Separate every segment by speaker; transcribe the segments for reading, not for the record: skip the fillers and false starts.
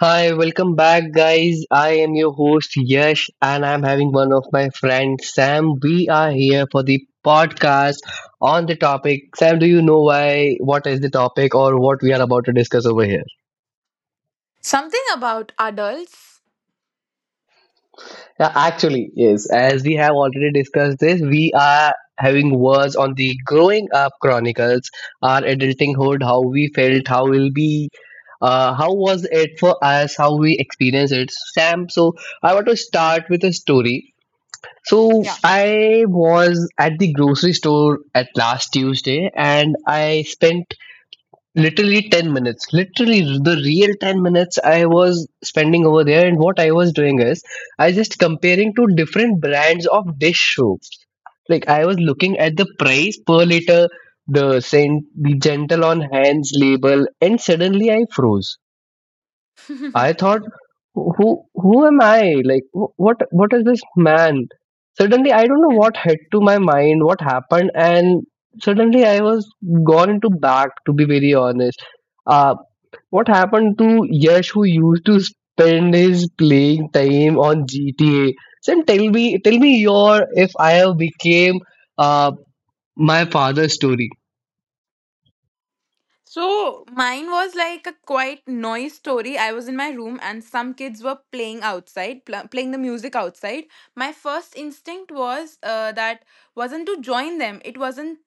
Speaker 1: Hi, welcome back, guys. I am your host Yash, and I'm having one of my friends, Sam. We are here for the podcast on the topic. Sam, do you know why? What is the topic, or what we are about to discuss over here?
Speaker 2: Something about adults.
Speaker 1: Yeah, actually, yes. As we have already discussed this, we are having words on the growing up chronicles, our adultinghood, how we felt, how will be, how was it for us, how we experienced it. Sam, so I want to start with a story. So
Speaker 2: Yeah.
Speaker 1: I was at the grocery store at last Tuesday, and I spent literally 10 minutes, literally the real 10 minutes I was spending over there. And what I was doing is I just comparing to different brands of dish soap. Like, I was looking at the price per liter, the scent, the gentle on hands label, and suddenly I froze. I thought, who am I? Like, what is this, man? Suddenly, I don't know
Speaker 2: Yeah.
Speaker 1: what hit to my mind, what happened, and suddenly I was gone into back. To be very honest, uh, what happened to Yash, who used to spend his playing time on GTA? Then tell me your, if I have became uh, my father's story.
Speaker 2: So mine was like a quite noise story. I was in my room and some kids were playing outside, playing the music outside. My first instinct was that wasn't to join them. It wasn't.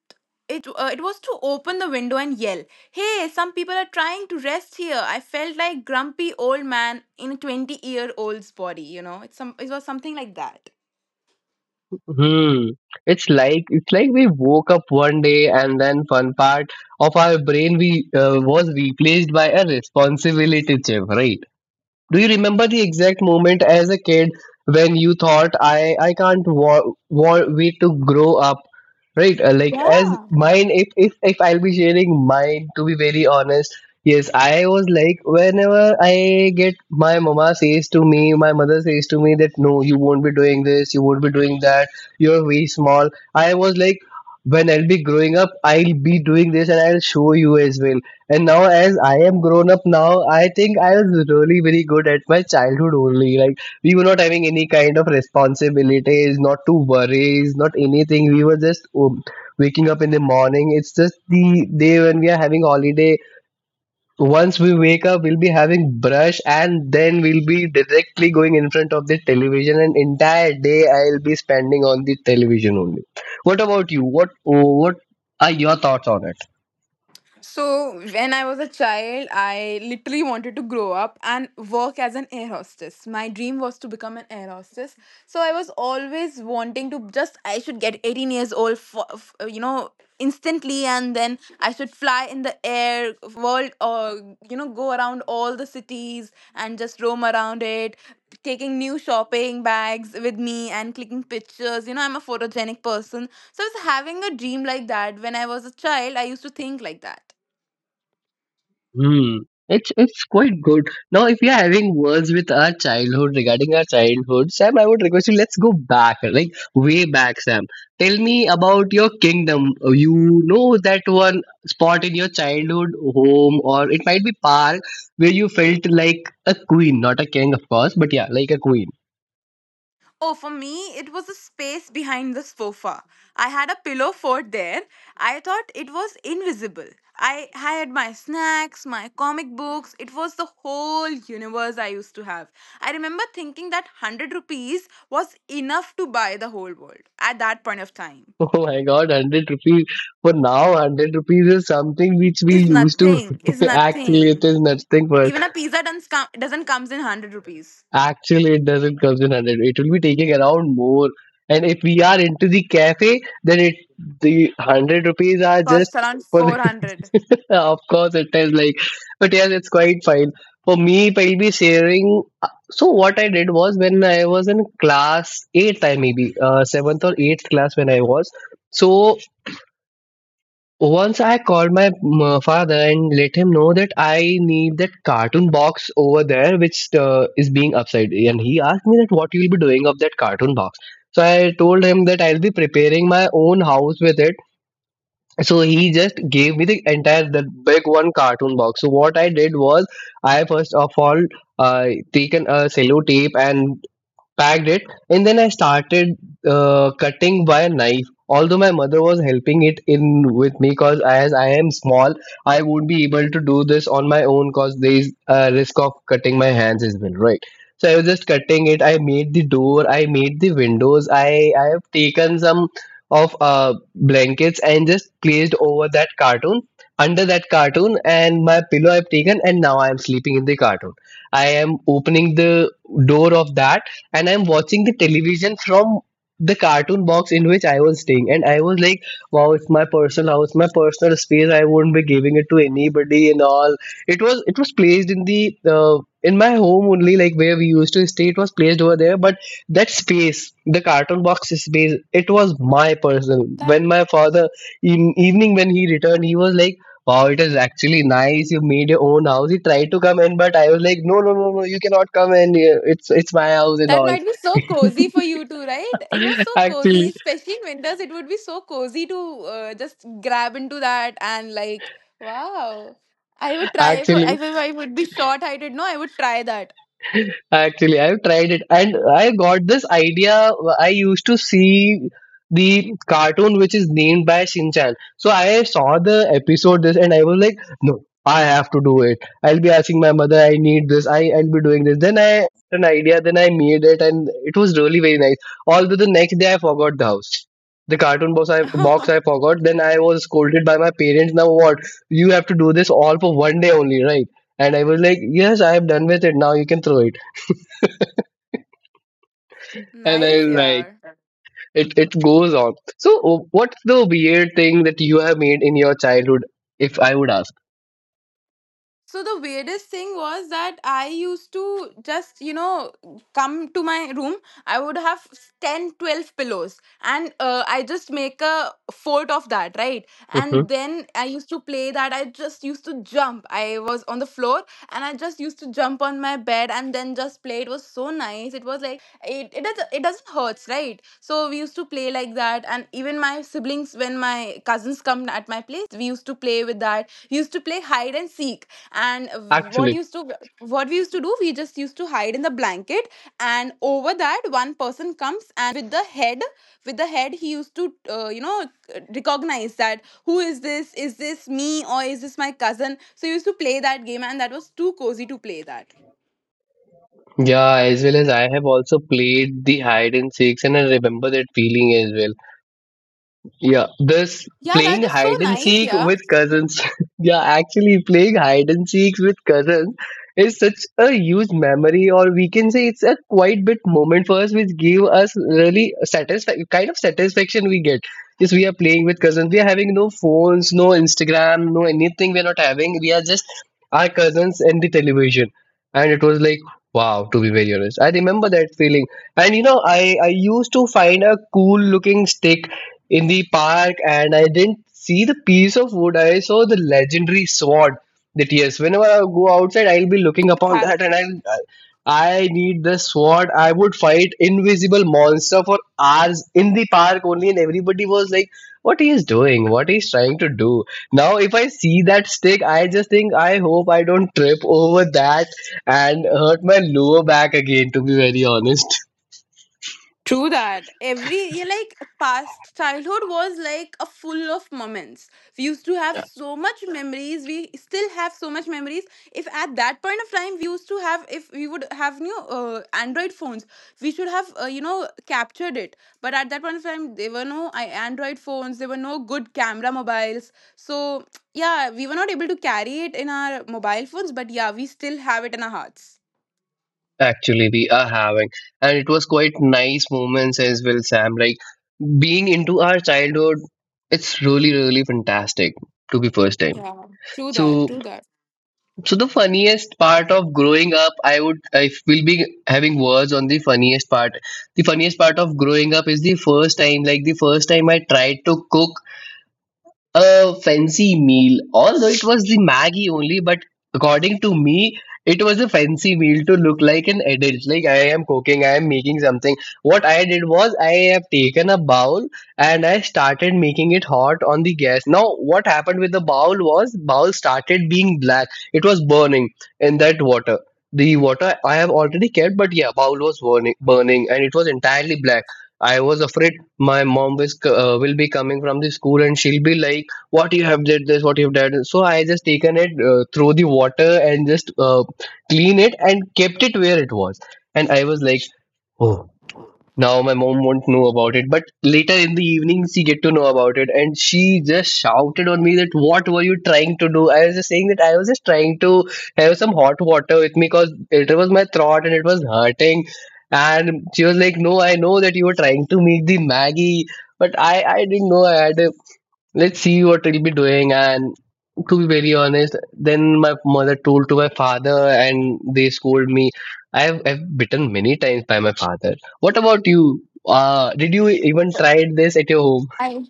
Speaker 2: It was to open the window and yell, "Hey, some people are trying to rest here." I felt like grumpy old man in a 20-year old's body. It was something like that.
Speaker 1: Hmm. It's like we woke up one day, and then fun part of our brain we was replaced by a responsibility chip, right? Do you remember the exact moment as a kid when you thought, I can't wait to grow up? Right, like as
Speaker 2: Yeah.
Speaker 1: mine, if I'll be sharing mine, to be very honest, yes, I was like, whenever I get my mama says to me, my mother says to me that no, you won't be doing this, you won't be doing that, you're very small. I was like, when I'll be growing up, I'll be doing this, and I'll show you as well. And now, as I am grown up now, I think I was really very good at my childhood only. Like, we were not having any kind of responsibilities, not to worries, not anything. We were just waking up in the morning. It's just the day when we are having holiday. Once we wake up, we'll be having brush, and then we'll be directly going in front of the television. And entire day I'll be spending on the television only. What about you? What are your thoughts on it?
Speaker 2: So, when I was a child, I literally wanted to grow up and work as an air hostess. My dream was to become an air hostess. So, I was always wanting to just, I should get 18 years old, for instantly, and then I should fly in the air world or, go around all the cities and just roam around it, taking new shopping bags with me and clicking pictures. You know, I'm a photogenic person. So I was having a dream like that when I was a child. I used to think like that.
Speaker 1: Hmm. It's quite good. Now, if we are having words with our childhood regarding our childhood, Sam, I would request you, let's go back, like way back, Sam. Tell me about your kingdom. You know that one spot in your childhood home, or it might be park, where you felt like a queen, not a king, of course, but yeah, like a queen.
Speaker 2: Oh, for me, it was a space behind the sofa. I had a pillow fort there. I thought it was invisible. I had my snacks, my comic books. It was the whole universe I used to have. I remember thinking that 100 rupees was enough to buy the whole world at that point of time.
Speaker 1: Oh my God, 100 rupees for now. 100 rupees is something which we
Speaker 2: Is
Speaker 1: used to
Speaker 2: nothing, is
Speaker 1: actually it
Speaker 2: nothing.
Speaker 1: is nothing for.
Speaker 2: Even a pizza doesn't comes in 100 rupees.
Speaker 1: Actually, it doesn't come in 100. It will be taking around more. And if we are into the cafe, then it the 100 rupees are
Speaker 2: Costs
Speaker 1: just
Speaker 2: around
Speaker 1: for the,
Speaker 2: 400.
Speaker 1: of course it is like, but yes, it's quite fine for me. If I'll be sharing, so what I did was, when I was in class 8th, I maybe 7th or 8th class, when I was, so once I called my father and let him know that I need that cartoon box over there, which is being upside. And he asked me that, what you'll be doing of that cartoon box. So I told him that I'll be preparing my own house with it. So he just gave me the entire, the big one cartoon box. So what I did was, I first of all taken a cello tape and packed it, and then I started cutting by a knife. Although my mother was helping it in with me, cause as I am small I won't be able to do this on my own, cause there is a risk of cutting my hands as well, right? So I was just cutting it. I made the door, I made the windows, I have taken some of blankets and just placed over that cartoon, under that cartoon, and my pillow I've taken. And now I am sleeping in the cartoon, I am opening the door of that, and I'm watching the television from the cartoon box in which I was staying. And I was like, wow, it's my personal house, my personal space. I won't be giving it to anybody and all. It was placed in my home only, like where we used to stay. It was placed over there, but that space, the cartoon box space, it was my personal. When my father in evening when he returned, he was like, wow, it is actually nice. You made your own house. He tried to come in, but I was like, no, no, no, no, you cannot come in here. It's my house and
Speaker 2: That
Speaker 1: all.
Speaker 2: might be so cozy for you too, right? It was so cozy,
Speaker 1: Actually,
Speaker 2: especially in winters. It would be so cozy to just grab into that and like, wow. I would try for if I
Speaker 1: actually.
Speaker 2: if I would be short-sighted. No, I would try that.
Speaker 1: Actually, I've tried it, and I got this idea. I used to see the cartoon which is named by Shin Chan. So I saw the episode this, and I was like, no, I have to do it. I'll be asking my mother, I need this. I'll be doing this. Then I had an idea. Then I made it, and it was really very nice. Although the next day I forgot the house. The cartoon box I forgot. Then I was scolded by my parents. Now what? You have to do this all for one day only, right? And I was like, yes, I am done with it. Now you can throw it, and
Speaker 2: Nice,
Speaker 1: then, like,
Speaker 2: yeah.
Speaker 1: it goes on. So what's the weird thing that you have made in your childhood, if I would ask?
Speaker 2: So the weirdest thing was that I used to just, come to my room. I would have 10, 12 pillows. And I just make a fort of that, right? And
Speaker 1: hmm
Speaker 2: then I used to play that. I just used to jump. I was on the floor and I just used to jump on my bed and then just play. It was so nice. It was like, it doesn't hurt, right? So we used to play like that. And even my siblings, when my cousins come at my place, we used to play with that. We used to play hide and seek, and what
Speaker 1: Actually,
Speaker 2: used to what we used to do, we just used to hide in the blanket, and over that one person comes, and with the head he used to recognize that, who is this, is this me or is this my cousin? So he used to play that game, and that was too cozy to play that.
Speaker 1: yeah, as well as I have also played the hide and seeks, and I remember that feeling as well. Yeah, this
Speaker 2: Yeah, that
Speaker 1: playing
Speaker 2: is so
Speaker 1: hide and
Speaker 2: nice.
Speaker 1: seek
Speaker 2: Yeah,
Speaker 1: with cousins. Yeah, actually, playing hide and seek with cousins is such a huge memory, or we can say it's a quite bit moment for us, which give us really satisfaction, kind of satisfaction we get. Yes, we are playing with cousins. We are having no phones, no Instagram, no anything. We are not having. We are just our cousins and the television, and it was like, wow. To be very honest, I remember that feeling. And I used to find a cool looking stick in the park, and I didn't see the piece of wood. I saw the legendary sword that, yes, whenever I go outside, I'll be looking upon
Speaker 2: having.
Speaker 1: that, and I need the sword. I would fight invisible monster for hours in the park only, and everybody was like, what he is doing, what he is trying to do. Now, if I see that stick, I just think, I hope I don't trip over that and hurt my lower back again, to be very honest.
Speaker 2: True that. Every yeah, like past childhood was like a full of moments. We used to have so much memories. We still have so much memories. If at that point of time we used to have, if we would have new Android phones, we should have captured it. But at that point of time, there were no Android phones. There were no good camera mobiles. So yeah, we were not able to carry it in our mobile phones. But yeah, we still have it in our hearts.
Speaker 1: Actually, we are having, and it was quite nice moments as well, Sam. Like being into our childhood, it's really, really fantastic to be first time.
Speaker 2: Yeah, true that.
Speaker 1: So,
Speaker 2: True that.
Speaker 1: so the funniest part of growing up, I will be having words on the funniest part. The funniest part of growing up is the first time, like the first time I tried to cook a fancy meal, although it was the Maggie only, but according to me, it was a fancy meal to look like an adult. Like, I am cooking, I am making something. What I did was, I have taken a bowl and I started making it hot on the gas. Now what happened with the bowl was, bowl started being black. It was burning in that water. The water I have already kept, but yeah, bowl was burning, burning, and it was entirely black. I was afraid my mom was, will be coming from the school, and she'll be like, what you have did this, what you have done. So I just taken it through the water and just clean it and kept it where it was. And I was like, oh, now my mom won't know about it. But later in the evening, she get to know about it, and she just shouted on me that, what were you trying to do? I was just saying that I was just trying to have some hot water with me, because it was my throat and it was hurting. And she was like, no, I know that you were trying to make the Maggie, but I didn't know. I had a, let's see what he'll be doing. And, to be very honest, then my mother told to my father and they scolded me. I've bitten many times by my father. What about you, did you even tried this at your home?
Speaker 2: I.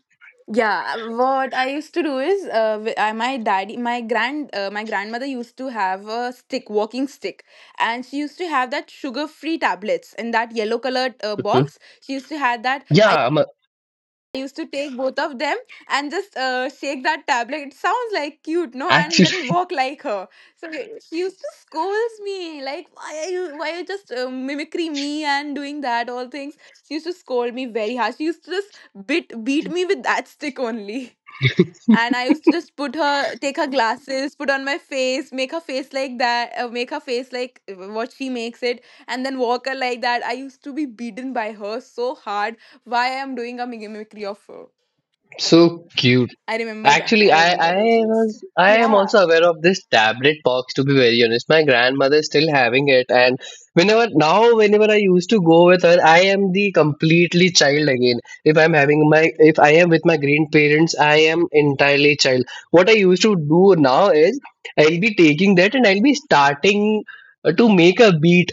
Speaker 2: Yeah, what I used to do is, wi- I my daddy, my grand, my grandmother used to have a stick, walking stick, and she used to have that sugar-free tablets in that yellow-colored box. She used to have that. I
Speaker 1: Yeah,
Speaker 2: used to take both of them and just shake that tablet. It sounds like cute, no? And
Speaker 1: actually
Speaker 2: then walk like her. So she used to scold me, like, why are you just mimicry me and doing that all things? She used to scold me very hard. She used to just bit beat me with that stick only. And I used to just put her take her glasses, put on my face, make her face like that, make her face like what she makes it, and then walk her like that. I used to be beaten by her so hard. Why I am doing a mimicry of her?
Speaker 1: so cute.
Speaker 2: I remember that.
Speaker 1: Actually,
Speaker 2: I
Speaker 1: I,
Speaker 2: remember
Speaker 1: I
Speaker 2: those days.
Speaker 1: was I am
Speaker 2: Yeah,
Speaker 1: also aware of this tablet box, to be very honest. My grandmother is still having it, and whenever I used to go with her, I am the completely child again. If I am with my grandparents, I am entirely child. What I used to do now is I'll be taking that and I'll be starting to make a beat,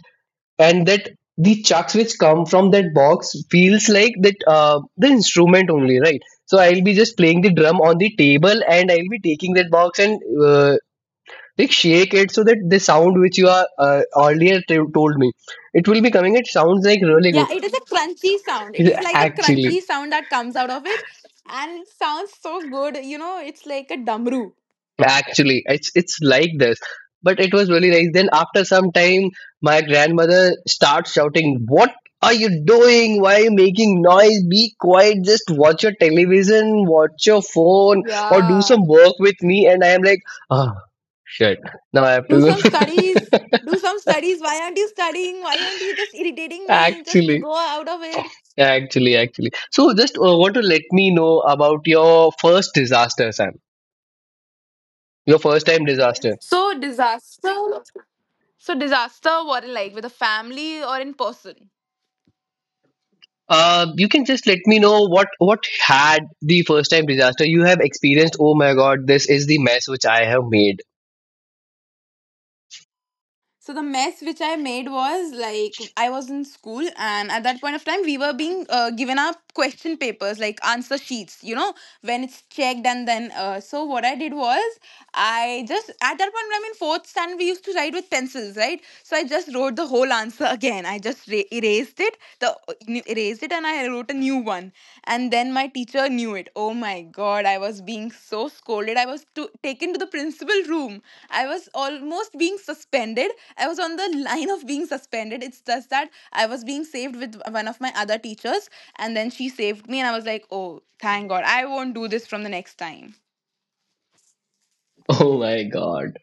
Speaker 1: and that the chucks which come from that box feels like that, the instrument only, right? So I'll be just playing the drum on the table, and I'll be taking that box and like shake it, so that the sound which you are earlier told me, it will be coming. It sounds like really
Speaker 2: yeah, it is a crunchy sound. It
Speaker 1: good.
Speaker 2: is like a
Speaker 1: actually
Speaker 2: crunchy sound that comes out of it, and it sounds so good. You know, it's like a damru.
Speaker 1: Actually, it's like this. But it was really nice. Then after some time, my grandmother starts shouting, "What are you doing? Why are you making noise? Be quiet. Just watch your television, watch your phone, or do
Speaker 2: Yeah.
Speaker 1: some work with me." And I am like, "Ah, shit. Now I have
Speaker 2: Do
Speaker 1: to
Speaker 2: some
Speaker 1: go."
Speaker 2: studies, do some studies. Why aren't you studying? Why aren't you just irritating me? Just
Speaker 1: actually,
Speaker 2: go out of it.
Speaker 1: actually. So just want to let me know about your first disaster, Sam. Your first time disaster.
Speaker 2: So disaster, so disaster. What, like with a family or in person?
Speaker 1: You can just let me know what had the first time disaster you have experienced. Oh my God, this is the mess which I have made.
Speaker 2: So the mess which I made was like I was in school, and at that point of time, we were being given our question papers, like answer sheets. You know, when it's checked and then. So what I did was, I just at that point, I'm in fourth standard, we used to write with pencils, right? So I just wrote the whole answer again. I just erased the it and I wrote a new one, and then my teacher knew it. Oh my god, I was being so scolded. I was taken to the principal room. I was almost being suspended. I was on the line of being suspended. It's just that I was being saved with one of my other teachers, and then she saved me, and I was like, oh, thank god, I won't do this from the next time.
Speaker 1: Oh my God,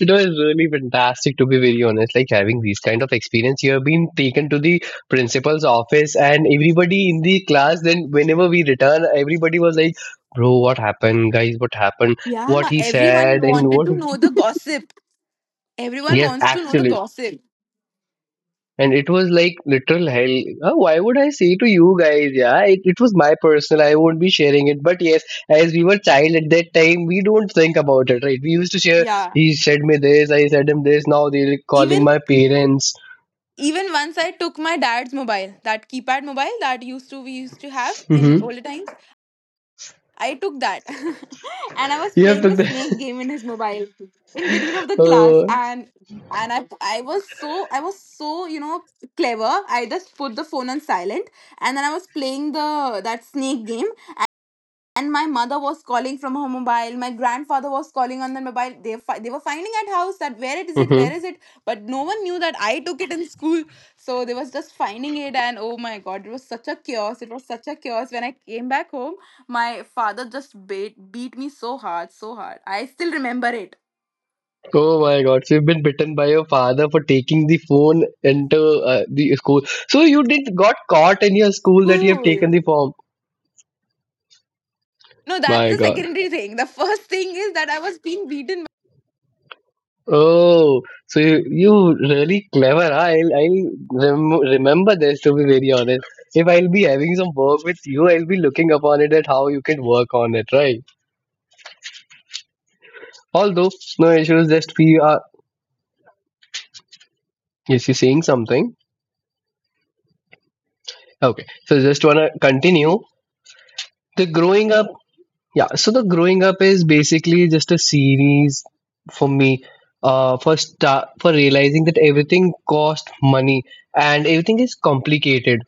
Speaker 1: it was really fantastic, to be very honest. Like having these kind of experience, you have been taken to the principal's office, and everybody in the class. Then whenever we return, everybody was like, "Bro, what happened, guys? What happened? What
Speaker 2: Yeah,
Speaker 1: he
Speaker 2: everyone
Speaker 1: said and
Speaker 2: wanted
Speaker 1: what?"
Speaker 2: to know the gossip. Everyone
Speaker 1: Yes,
Speaker 2: wants to know the
Speaker 1: actually.
Speaker 2: gossip.
Speaker 1: And it was like literal hell. Why would I say to you guys? Yeah, it was my personal. I won't be sharing it. But yes, as we were child at that time, we don't think about it, right? We used to share,
Speaker 2: Yeah,
Speaker 1: he said me this, I said him this, now they're calling
Speaker 2: even
Speaker 1: my parents.
Speaker 2: Even once I took my dad's mobile, that keypad mobile that used to we used to have in
Speaker 1: Mm-hmm.
Speaker 2: older times. I took that, and I was
Speaker 1: You have
Speaker 2: playing
Speaker 1: to
Speaker 2: the snake game in his mobile in between of the class,
Speaker 1: uh,
Speaker 2: and I was so, clever. I just put the phone on silent, and then I was playing the that snake game, and my mother was calling from her mobile. My grandfather was calling on the mobile. They were finding at house that where
Speaker 1: hmm.
Speaker 2: is it, but no one knew that I took it in school, so they was just finding it. And oh my god, it was such a chaos. It was such a chaos. When I came back home, my father just beat me so hard, so hard. I still remember it.
Speaker 1: Oh my God! So you've been bitten by your father for taking the phone into the school. So you did got caught in your school that you have taken
Speaker 2: Cool.
Speaker 1: the form.
Speaker 2: No, that's
Speaker 1: My
Speaker 2: the
Speaker 1: God.
Speaker 2: secondary thing. The first thing is that I was being beaten.
Speaker 1: Oh, so you really clever. Huh? I'll remember this, to be very honest. If I'll be having some work with you, I'll be looking upon it at how you can work on it, right? Although, no issues, just we are. Yes, you're saying something. Okay, so just wanna continue. The growing up, yeah, so the growing up is basically just a series for me. For start, for realizing that everything cost money and everything is complicated.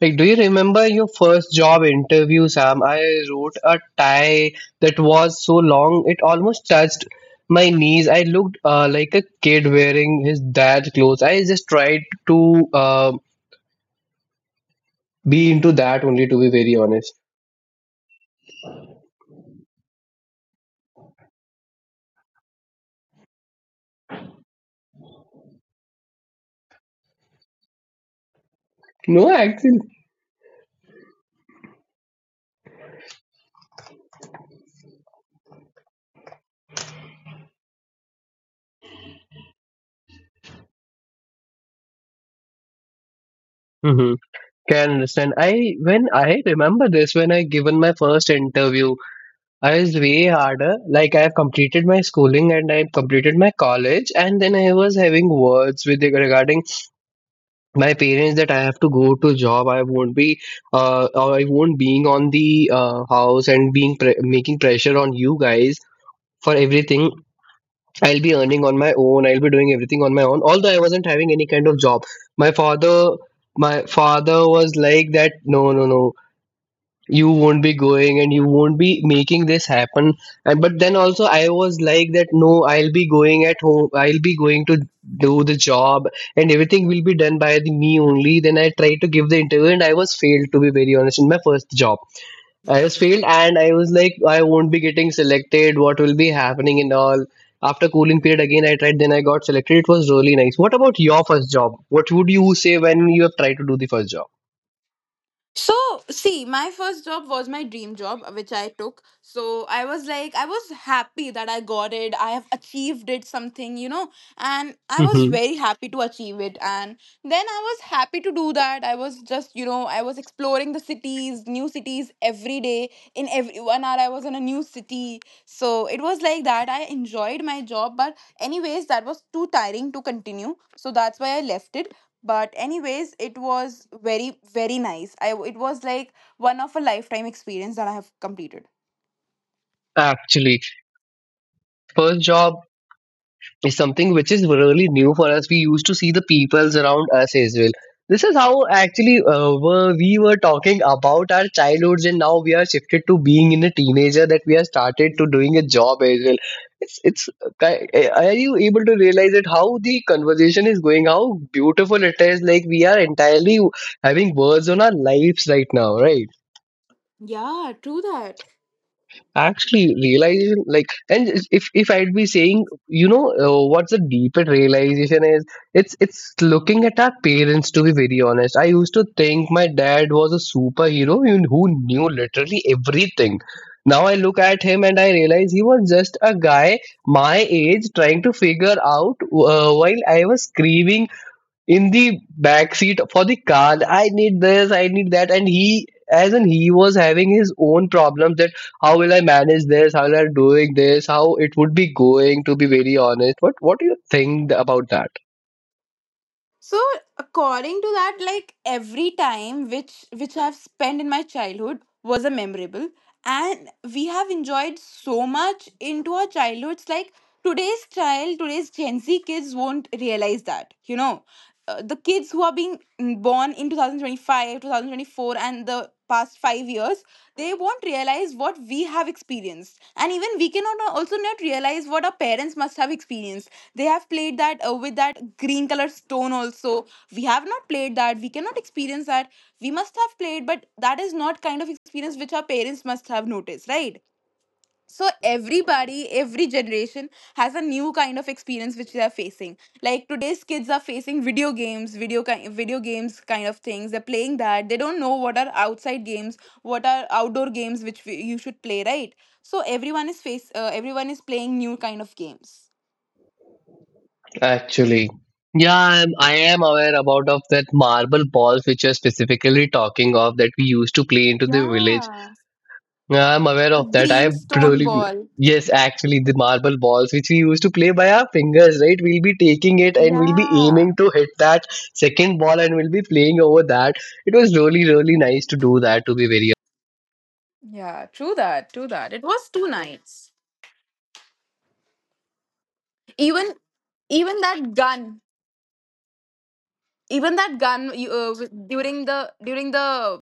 Speaker 1: Like, do you remember your first job interview, Sam? I wrote a tie that was so long it almost touched my knees. I looked like a kid wearing his dad's clothes. I just tried to be into that only, to be very honest. No, actually. Mm-hmm. Can understand. I when I remember this when I given my first interview, I was way harder. Like I have completed my schooling and I completed my college, and then I was having words with regarding my parents that I have to go to job. I won't being on the house and being making pressure on you guys for everything. I'll be earning on my own. I'll be doing everything on my own. Although I wasn't having any kind of job, my father, my father was like that, no, no, no, you won't be going and you won't be making this happen. And but then also, I was like that, no, I'll be going at home, I'll be going to do the job, and everything will be done by the me only. Then I tried to give the interview and I was failed, to be very honest. In my first job, I was failed and I was like, I won't be getting selected, what will be happening, and all. After cooling period, again I tried, then I got selected. It was really nice. What about your first job? What would you say when you have tried to do the first job?
Speaker 2: So, see, my first job was my dream job, which I took. So, I was like, I was happy that I got it. I have achieved it, something, and I was
Speaker 1: Hmm,
Speaker 2: very happy to achieve it. And then I was happy to do that. I was just, you know, I was exploring the cities, new cities every day. In every 1 hour, I was in a new city. So, it was like that. I enjoyed my job, but, anyways, that was too tiring to continue. So, that's why I left it, but anyways, it was very very nice. I It was like one of a lifetime experience that I have completed.
Speaker 1: actually, first job is something which is really new for us. We used to see the peoples around us as well. This is how actually we were talking about our childhoods, and now we are shifted to being in a teenager that we are started to doing a job as well. It's it's are you able to realize it how the conversation is going? How beautiful it is! Like we are entirely having words on our lives right now, right?
Speaker 2: Yeah, true that.
Speaker 1: Actually, realization, like, and if I'd be saying, what's the deeper realization is, it's looking at our parents, to be very honest. I used to think my dad was a superhero who knew literally everything. Now I look at him and I realize he was just a guy my age trying to figure out while I was screaming in the back seat for the car, I need this, I need that. And he as in he was having his own problems, that how will I manage this, how will I doing this, how it would be going, to be very honest. What do you think about that?
Speaker 2: So according to that, like every time which I've spent in my childhood was a memorable, and we have enjoyed so much into our childhoods. Like today's Gen Z kids won't realize that. The kids who are being born in 2025, 2024, and the past 5 years, they won't realize what we have experienced, and even we cannot also not realize what our parents must have experienced. They have played that with that green color stone also. We have not played that. We cannot experience that. We must have played, but that is not kind of experience which our parents must have noticed, right? So every generation has a new kind of experience which they are facing. Like today's kids are facing video games, kind of things. They're playing that. They don't know what are outdoor games, which you should play, right? So everyone is playing new kind of games.
Speaker 1: Actually, yeah, I am aware about of that marble balls which you're specifically talking of, that we used to play into the village.
Speaker 2: Yeah,
Speaker 1: Yeah, I'm aware
Speaker 2: the
Speaker 1: of that.
Speaker 2: green
Speaker 1: I've
Speaker 2: stone
Speaker 1: really,
Speaker 2: ball.
Speaker 1: yes, actually, the marble balls which we used to play by our fingers, right? We'll be taking it and we'll be
Speaker 2: Yeah,
Speaker 1: aiming to hit that second ball and we'll be playing over that. It was really, really nice to do that, to be very
Speaker 2: yeah, true that, true that. It was two nights. Even even that gun even that gun, during the